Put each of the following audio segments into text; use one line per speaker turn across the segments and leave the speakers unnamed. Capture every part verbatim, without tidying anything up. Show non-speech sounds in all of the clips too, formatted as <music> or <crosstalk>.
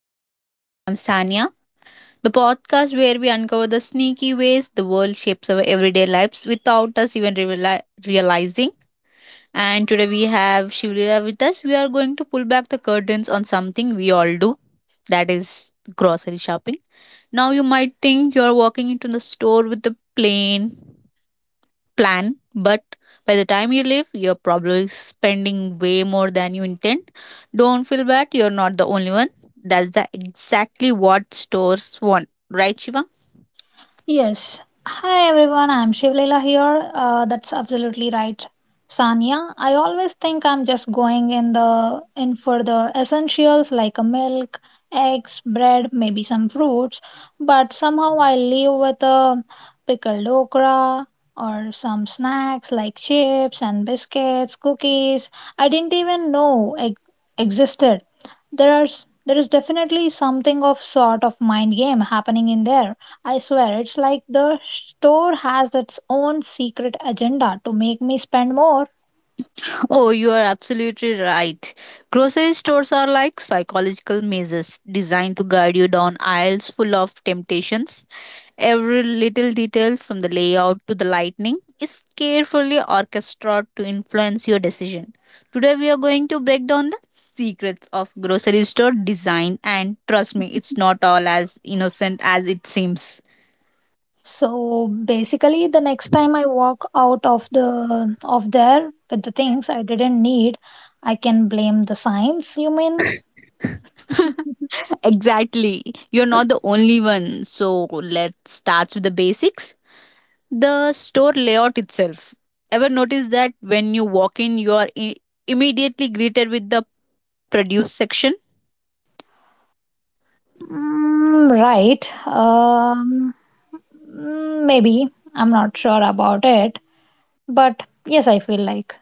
Plain Sight. I am Sanya, the podcast where we uncover the sneaky ways the world shapes our everyday lives without us even reali- realizing. And today we have Shivlila with us. We are going to pull back the curtains on something we all do, that is grocery shopping. Now you might think you're walking into the store with a plane plan, but by the time you leave, you're probably spending way more than you intend. Don't feel bad, you're not the only one. That's the exactly what stores want. Right, Shiva?
Yes. Hi everyone, I'm Shivlila here. Uh, that's absolutely right, Sanya. I always think I'm just going in the in for the essentials like a milk, eggs, bread, maybe some fruits, but somehow I leave with a pickled okra or some snacks like chips and biscuits, cookies. I didn't even know ex- existed. There are there is definitely something of sort of mind game happening in there. I swear it's like the store has its own secret agenda to make me spend more.
Oh, you are absolutely right. Grocery stores are like psychological mazes designed to guide you down aisles full of temptations. Every little detail, from the layout to the lighting, is carefully orchestrated to influence your decision. Today, we are going to break down the secrets of grocery store design, and trust me, it's not all as innocent as it seems.
So basically the next time I walk out of the of there with the things I didn't need, I can blame the signs, you mean?
<laughs> Exactly. You're not the only one. So, let's start with the basics. The store layout itself. Ever notice that when you walk in, you are i- immediately greeted with the produce section?
Mm, right. Um, mm, maybe. I'm not sure about it, but yes, I feel like.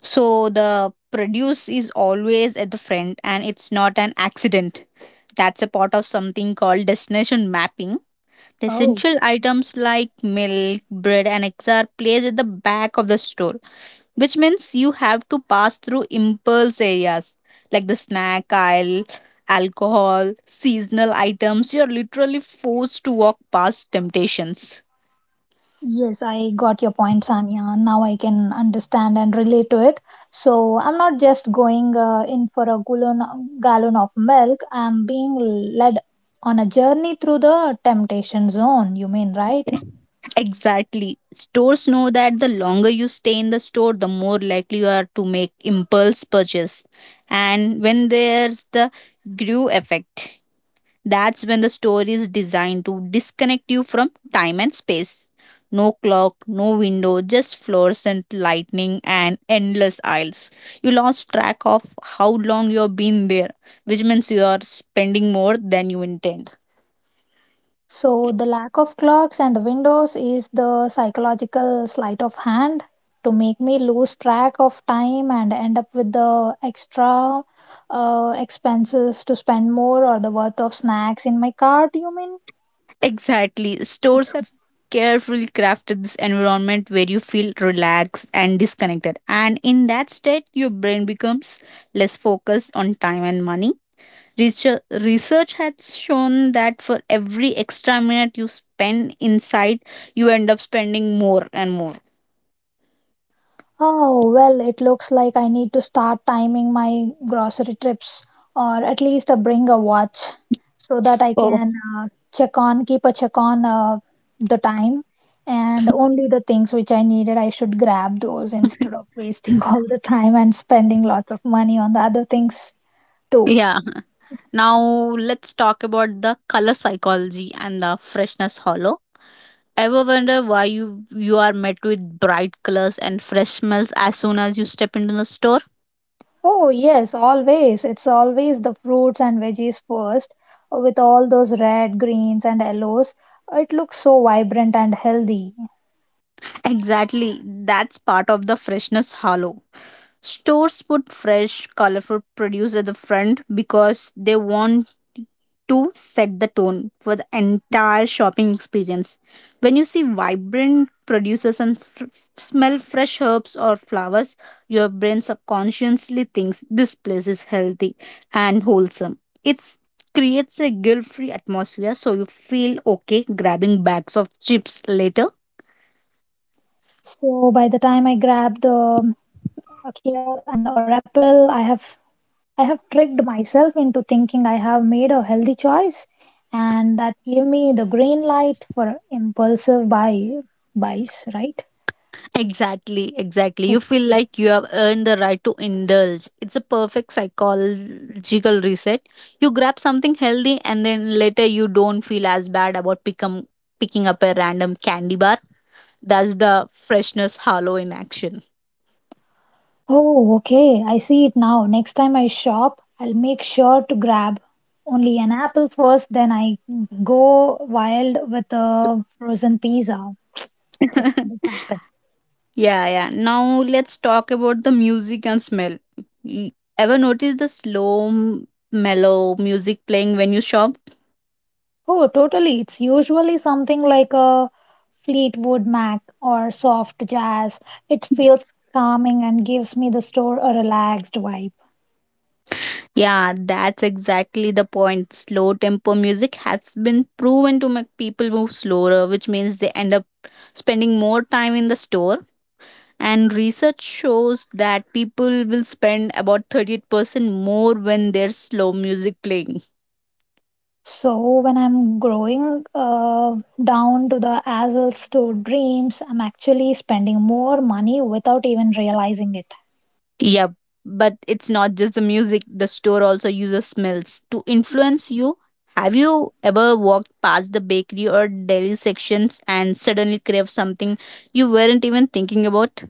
So the produce is always at the front and it's not an accident. That's a part of something called destination mapping. The
Oh.
essential items like milk, bread, and eggs are placed at the back of the store, which means you have to pass through impulse areas like the snack aisle, alcohol, seasonal items. You're literally forced to walk past temptations.
Yes, I got your point, Sanya. Now I can understand and relate to it. So I'm not just going uh, in for a gallon, gallon of milk. I'm being led on a journey through the temptation zone, you mean, right?
Exactly. Stores know that the longer you stay in the store, the more likely you are to make impulse purchase. And when there's the grew effect, that's when the store is designed to disconnect you from time and space. No clock, no window, just fluorescent lightning and endless aisles. You lost track of how long you've been there, which means you are spending more than you intend.
So the lack of clocks and the windows is the psychological sleight of hand to make me lose track of time and end up with the extra uh, expenses to spend more or the worth of snacks in my cart, you mean?
Exactly. Stores have carefully crafted this environment where you feel relaxed and disconnected. And in that state, your brain becomes less focused on time and money. Research, research has shown that for every extra minute you spend inside, you end up spending more and more.
Oh, well, it looks like I need to start timing my grocery trips or at least uh, bring a watch so that I
Oh.
can uh, check on, keep a check on uh, the time and only the things which I needed, I should grab those instead of
<laughs>
wasting <laughs> all the time and spending lots of money on the other things too.
Yeah. Now let's talk about the color psychology and the freshness hollow. Ever wonder why you you are met with bright colors and fresh smells as soon as you step into the store?
Oh, yes, always. It's always the fruits and veggies first with all those red, greens, and yellows. It looks so vibrant and healthy.
Exactly, that's part of the freshness halo. Stores put fresh, colorful produce at the front because they want to set the tone for the entire shopping experience. When you see vibrant producers and f- smell fresh herbs or flowers, your brain subconsciously thinks this place is healthy and wholesome. It creates a guilt free atmosphere so you feel okay grabbing bags of chips later.
So by the time I grabbed the um, a kale and or apple, I have I have tricked myself into thinking I have made a healthy choice, and that gave me the green light for impulsive buy buys, right?
Exactly, exactly. You
Oh,
feel like you have earned the right to indulge. It's a perfect psychological reset. You grab something healthy and then later you don't feel as bad about pick 'em- picking up a random candy bar. That's the freshness hollow in action.
oh, okay, I see it now. Next time I shop, I'll make sure to grab only an apple first, then I go wild with a frozen pizza.
<laughs>
This,
Yeah,
this happened.
yeah. Now let's talk about the music and smell. You ever notice the slow, m- mellow music playing when you shop?
Oh, totally. It's usually something like a Fleetwood Mac or soft jazz. It feels calming and gives me the store a relaxed vibe.
Yeah, that's exactly the point. Slow tempo music has been proven to make people move slower, which means they end up spending more time in the store. And research shows that people will spend about thirty-eight percent more when there's slow music playing.
So when I'm growing uh, down to the Azle store dreams, I'm actually spending more money without even realizing it.
Yep, but it's not just the music, the store also uses smells to influence you. Have you ever walked past the bakery or dairy sections and suddenly crave something you weren't even thinking about?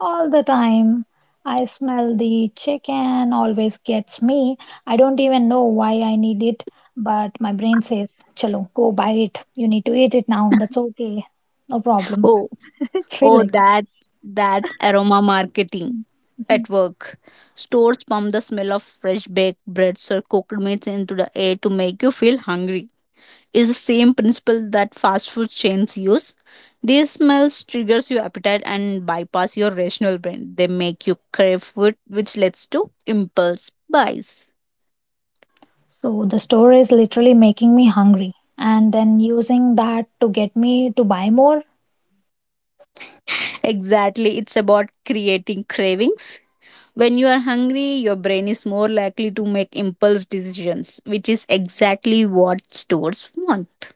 All the time. I smell the chicken, always gets me. I don't even know why I need it, but my brain says, Chalo, go buy it. You need to eat it now.
<laughs>
That's okay. No problem.
Oh.
It's feel
Oh,
like
that that's aroma marketing
that.
at work. Stores pump the smell of fresh baked breads or cooked meats into the air to make you feel hungry. Is the same principle that fast food chains use. These smells triggers your appetite and bypass your rational brain. They make you crave food, which leads to impulse buys.
So the store is literally making me hungry and then using that to get me to buy more.
Exactly, it's about creating cravings. When you are hungry, your brain is more likely to make impulse decisions, which is exactly what stores want.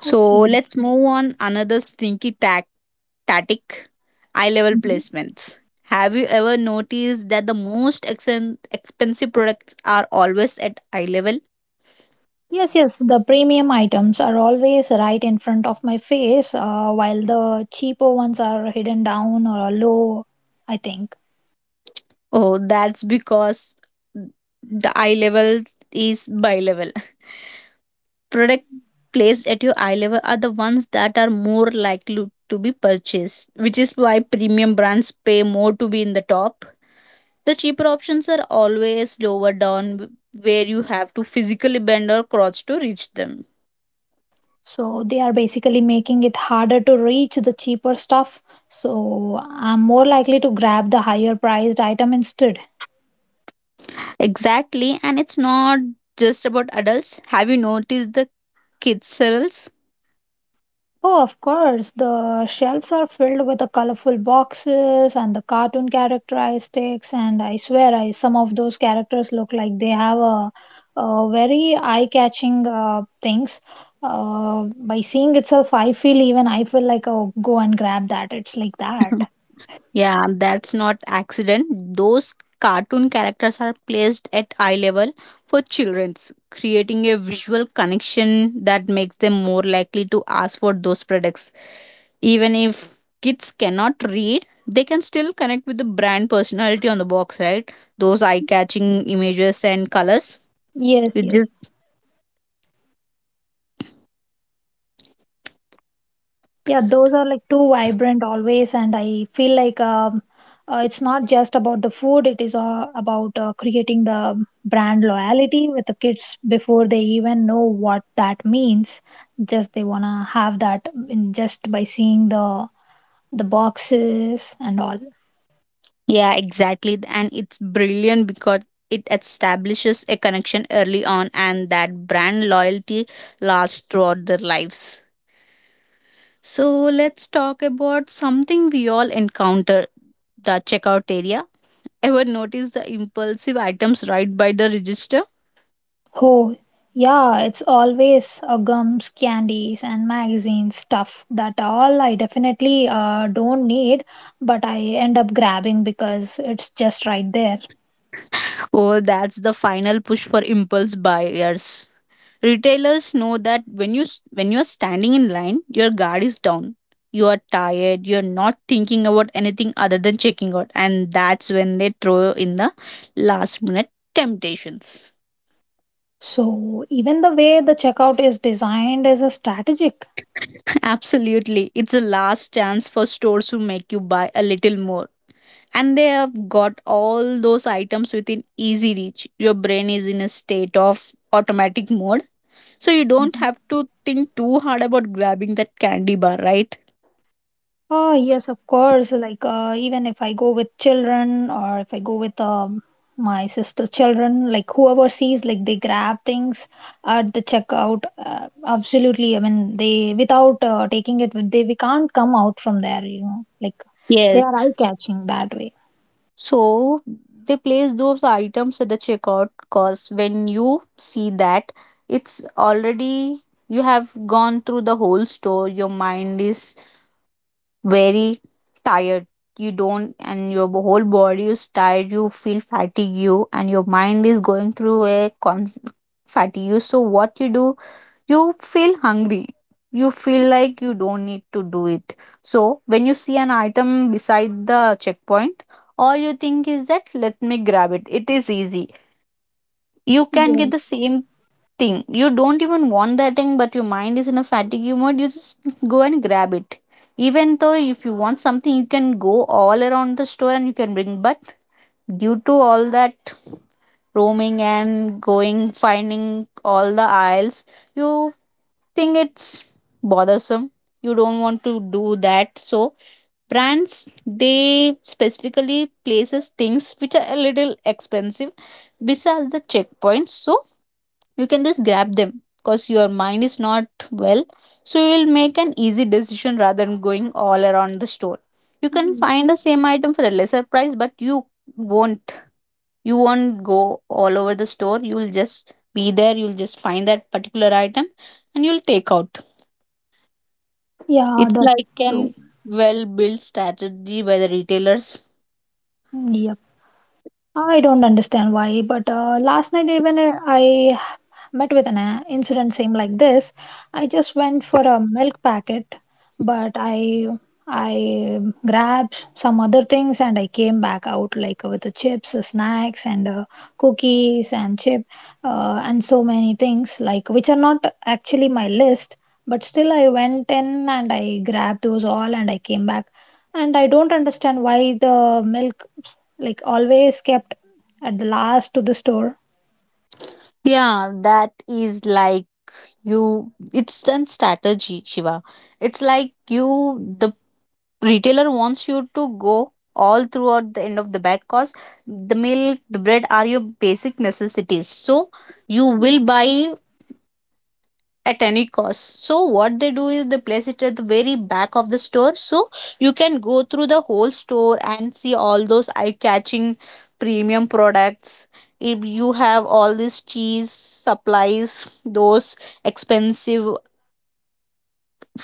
So
Okay.
let's move on another sneaky tac- tactic, eye level
Mhm.
placements. Have you ever noticed that the most exen- expensive products are always at eye level?
Yes, yes, the premium items are always right in front of my face, uh, while the cheaper ones are hidden down or low, I think.
Oh, that's because the eye level is bi level. Product placed at your eye level are the ones that are more likely to be purchased, which is why premium brands pay more to be in the top. The cheaper options are always lower down where you have to physically bend or crouch to reach them.
So they are basically making it harder to reach the cheaper stuff. So I'm more likely to grab the higher priced item instead.
Exactly, and it's not just about adults. Have you noticed the kids cereals?
Oh, of course, the shelves are filled with the colorful boxes and the cartoon characteristics, and I swear, I some of those characters look like they have a, a very eye-catching uh, things. Uh, by seeing itself, I feel even I feel like oh, go and grab that. It's like that.
<laughs> Yeah, that's not accident. Those cartoon characters are placed at eye level for childrens, creating a visual connection that makes them more likely to ask for those products. Even if kids cannot read, they can still connect with the brand personality on the box, right? Those eye-catching images and colors.
Yes,
It
yes.
just
Yeah, those are like too vibrant always, and I feel like um, uh, it's not just about the food, it is uh, about uh, creating the brand loyalty with the kids before they even know what that means. Just they wanna have that in just by seeing the the boxes and all.
yeah, exactly. And it's brilliant because it establishes a connection early on and that brand loyalty lasts throughout their lives. So let's talk about something we all encounter, the checkout area. Ever notice the impulsive items right by the register?
Oh, yeah, it's always uh, gums, candies, and magazines stuff that all I definitely uh, don't need, but I end up grabbing because it's just right there.
Oh, that's the final push for impulse buyers. Retailers know that when you when you are standing in line, your guard is down. You are tired, you're not thinking about anything other than checking out, and that's when they throw in the last minute temptations.
So, even the way the checkout is designed is a strategic.
<laughs> Absolutely. It's a last chance for stores to make you buy a little more, and they have got all those items within easy reach. Your brain is in a state of automatic mode, so you don't
Mhm.
have to think too hard about grabbing that candy bar, right?
Oh, yes, of course. Like, uh, even if I go with children or if I go with um, my sister's children, like whoever sees, like they grab things at the checkout. Uh, absolutely. I mean, they, without uh, taking it, they, we can't come out from there, you know, like they
Yes,
are eye-catching that way.
so they place those items at the checkout cause when you see that, it's already, you have gone through the whole store, your mind is very tired. You don't, and your b- whole body is tired. You feel fatigue, you, and your mind is going through a con- fatigue. So, what you do, you feel hungry. You feel like you don't need to do it. So, when you see an item beside the checkpoint, all you think is that let me grab it. It is easy, you can get
Yes,
the same thing. You don't even want that thing, but your mind is in a fatigue mode. You just go and grab it. Even though if you want something, you can go all around the store and you can bring. But due to all that roaming and going finding all the aisles, you think it's bothersome. You don't want to do that. So brands, they specifically places things which are a little expensive besides the checkpoints, so you can just grab them because your mind is not well, so you will make an easy decision rather than going all around the store. You can find the same item for a lesser price, but you won't you won't go all over the store, you will just be there, you'll just find that particular item and you'll take out.
yeah,
It's
that's
like an
true.
well built strategy by the retailers.
Mm, yep. I don't understand why, but uh, last night even uh, I but with an uh, incident same like this, I just went for a milk packet, but I I grabbed some other things and I came back out like with the chips, the snacks, and uh, cookies and chip uh, and so many things like which are not actually my list. But still, I went in and I grabbed those all and I came back. And I don't understand why the milk like always kept at the last to the store.
Yeah, that is like, you it's an strategy, Shiva. It's like you, the retailer wants you to go all throughout the end of the bag cause the milk, the bread are your basic necessities, so you will buy at any cost. So what they do is they place it at the very back of the store, so you can go through the whole store and see all those eye-catching premium products. If you have all these cheese supplies, those expensive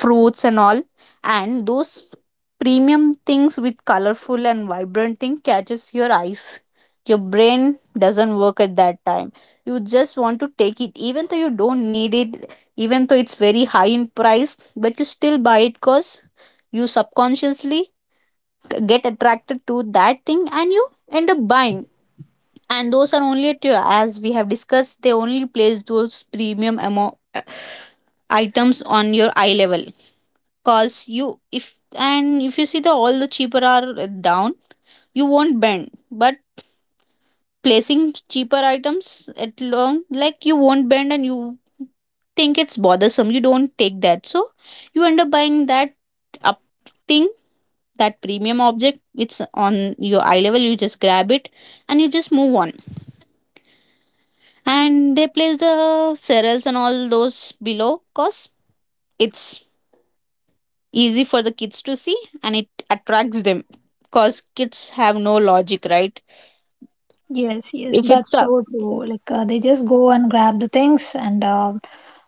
fruits and all, and those premium things with colorful and vibrant thing catches your eyes, your brain doesn't work at that time. You just want to take it even though you don't need it, even though it's very high in price, but you still buy it cause you subconsciously get attracted to that thing and you end up buying. And those are only at your, as we have discussed, they only place those premium amount items on your eye level, cause you if and if you see the all the cheaper are uh, down, you won't bend. But placing cheaper items at long, like you won't bend and you think it's bothersome, you don't take that, so you end up buying that up thing, that premium object. It's on your eye level, you just grab it and you just move on. And they place the cereals and all those below cause it's easy for the kids to see and it attracts them, because kids have no logic, right?
Yes, yes,
If
that's
it's up,
so true. Like uh, they just go and grab the things and uh,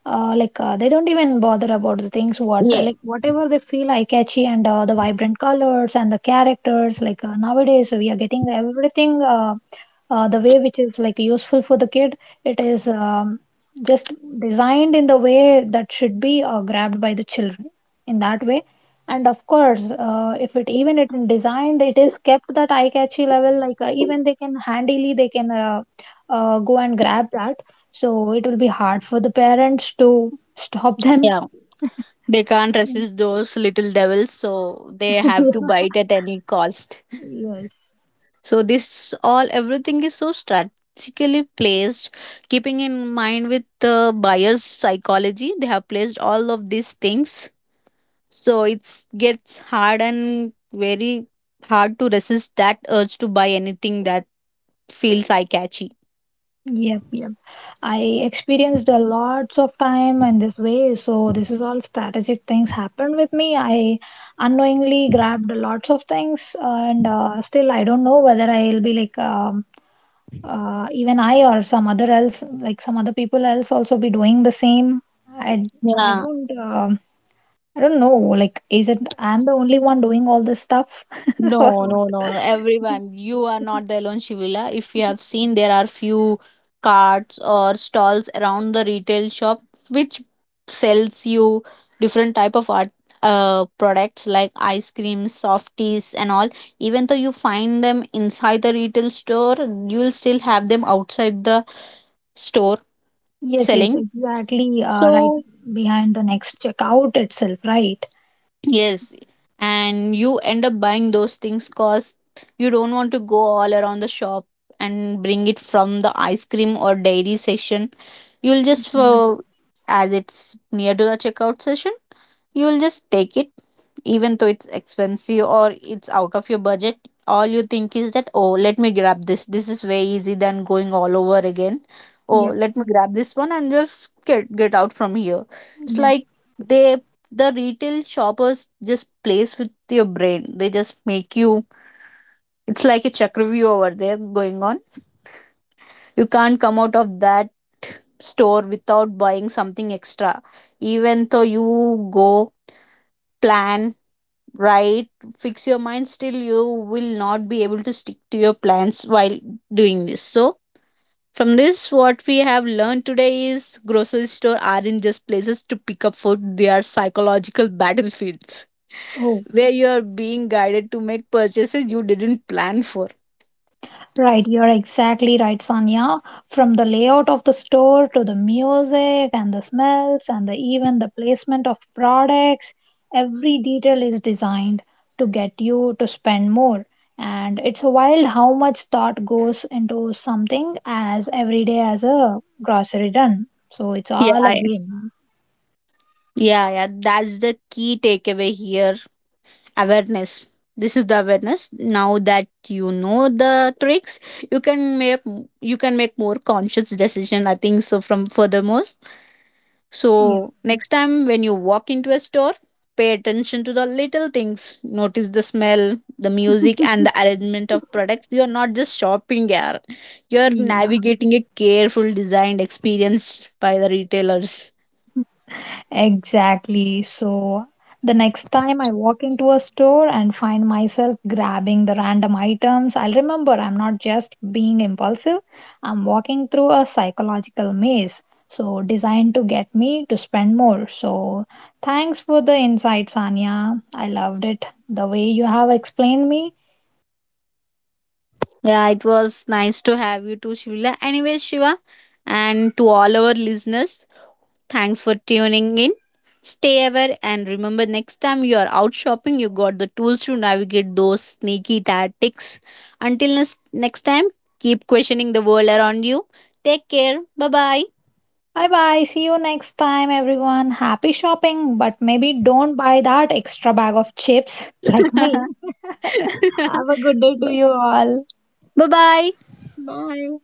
uh, like uh, they don't even bother about the things what
yeah,
like whatever they feel eye catchy and uh, the vibrant colors and the characters. Like uh, nowadays we are getting everything uh, uh, the way which is like useful for the kid. It is um, just designed in the way that should be uh, grabbed by the children. In that way, and of course uh, if it even it designed it is kept that eye catchy level like uh, even they can handily they can uh, uh, go and grab that so it will be hard for the parents to stop them.
yeah, they can't resist those little devils, so they have to
<laughs>
bite at any cost.
Yes.
So this all everything is so strategically placed, keeping in mind with the buyer's psychology, they have placed all of these things. So it's gets hard and very hard to resist that urge to buy anything that feels eye catchy.
Yep, yep. I experienced a lots of time in this way, so this is all strategic things happened with me. I unknowingly grabbed lots of things, and uh, still I don't know whether I'll be like um, uh, even I or some other else, like some other people else, also be doing the same. I I
Yeah.
don't um I don't know. Like, is it I'm the only one doing all this stuff? <laughs> Or
No, no, no,
what?
no. Everyone, you are not the alone, Shivila. If you have seen, there are few carts or stalls around the retail shop which sells you different type of art uh products like ice cream, softies and all. Even though you find them inside the retail store, you will still have them outside the store
Yes, yes,
selling.
exactly. Uh, right
So
behind the next checkout itself, right?
yes, and you end up buying those things because you don't want to go all around the shop and bring it from the ice cream or dairy section. You'll just, uh, as it's near to the checkout session, you'll just take it, even though it's expensive or it's out of your budget. All you think is that, oh, let me grab this. This is way easy than going all over again. Oh,
Yep,
let me grab this one and just get get out from here. It's
yep.
like they, the retail shoppers just plays with your brain. They just make you. It's like a chakravyu over there going on, you can't come out of that store without buying something extra. Even though you go, plan, write, fix your mind, still you will not be able to stick to your plans while doing this. So, from this, what we have learned today is grocery store aren't just places to pick up food, they are psychological battlefields
Oh,
where you are being guided to make purchases you didn't plan for.
right, you're exactly right, Sanya. From the layout of the store to the music and the smells and the, even the placement of products, every detail is designed to get you to spend more. And it's wild how much thought goes into something as everyday as a grocery run. So it's
Yeah,
all a
I-
game.
yeah, yeah. That's the key takeaway here. Awareness, this is the awareness. Now that you know the tricks, you can make, you can make more conscious decision, I think so, from furthermore.
Yeah,
So next time when you walk into a store, pay attention to the little things, notice the smell, the music, and the arrangement of products. You are not just shopping here, you're
yeah,
navigating a careful designed experience by the retailers.
exactly. So the next time I walk into a store and find myself grabbing the random items, I'll remember I'm not just being impulsive, I'm walking through a psychological maze. So designed to get me to spend more. So thanks for the insight, Sanya. I loved it. The way you have explained me.
Yeah, it was nice to have you too, Shivila. Anyway, Shiva, and to all our listeners, thanks for tuning in. Stay aware and remember next time you are out shopping, you got the tools to navigate those sneaky tactics. Until nes- next time, keep questioning the world around you. Take care. Bye bye.
Bye bye. See you next time, everyone. Happy shopping, but maybe don't buy that extra bag of chips <laughs> like me.
<laughs>
Have a good day to you all.
Bye bye.
Bye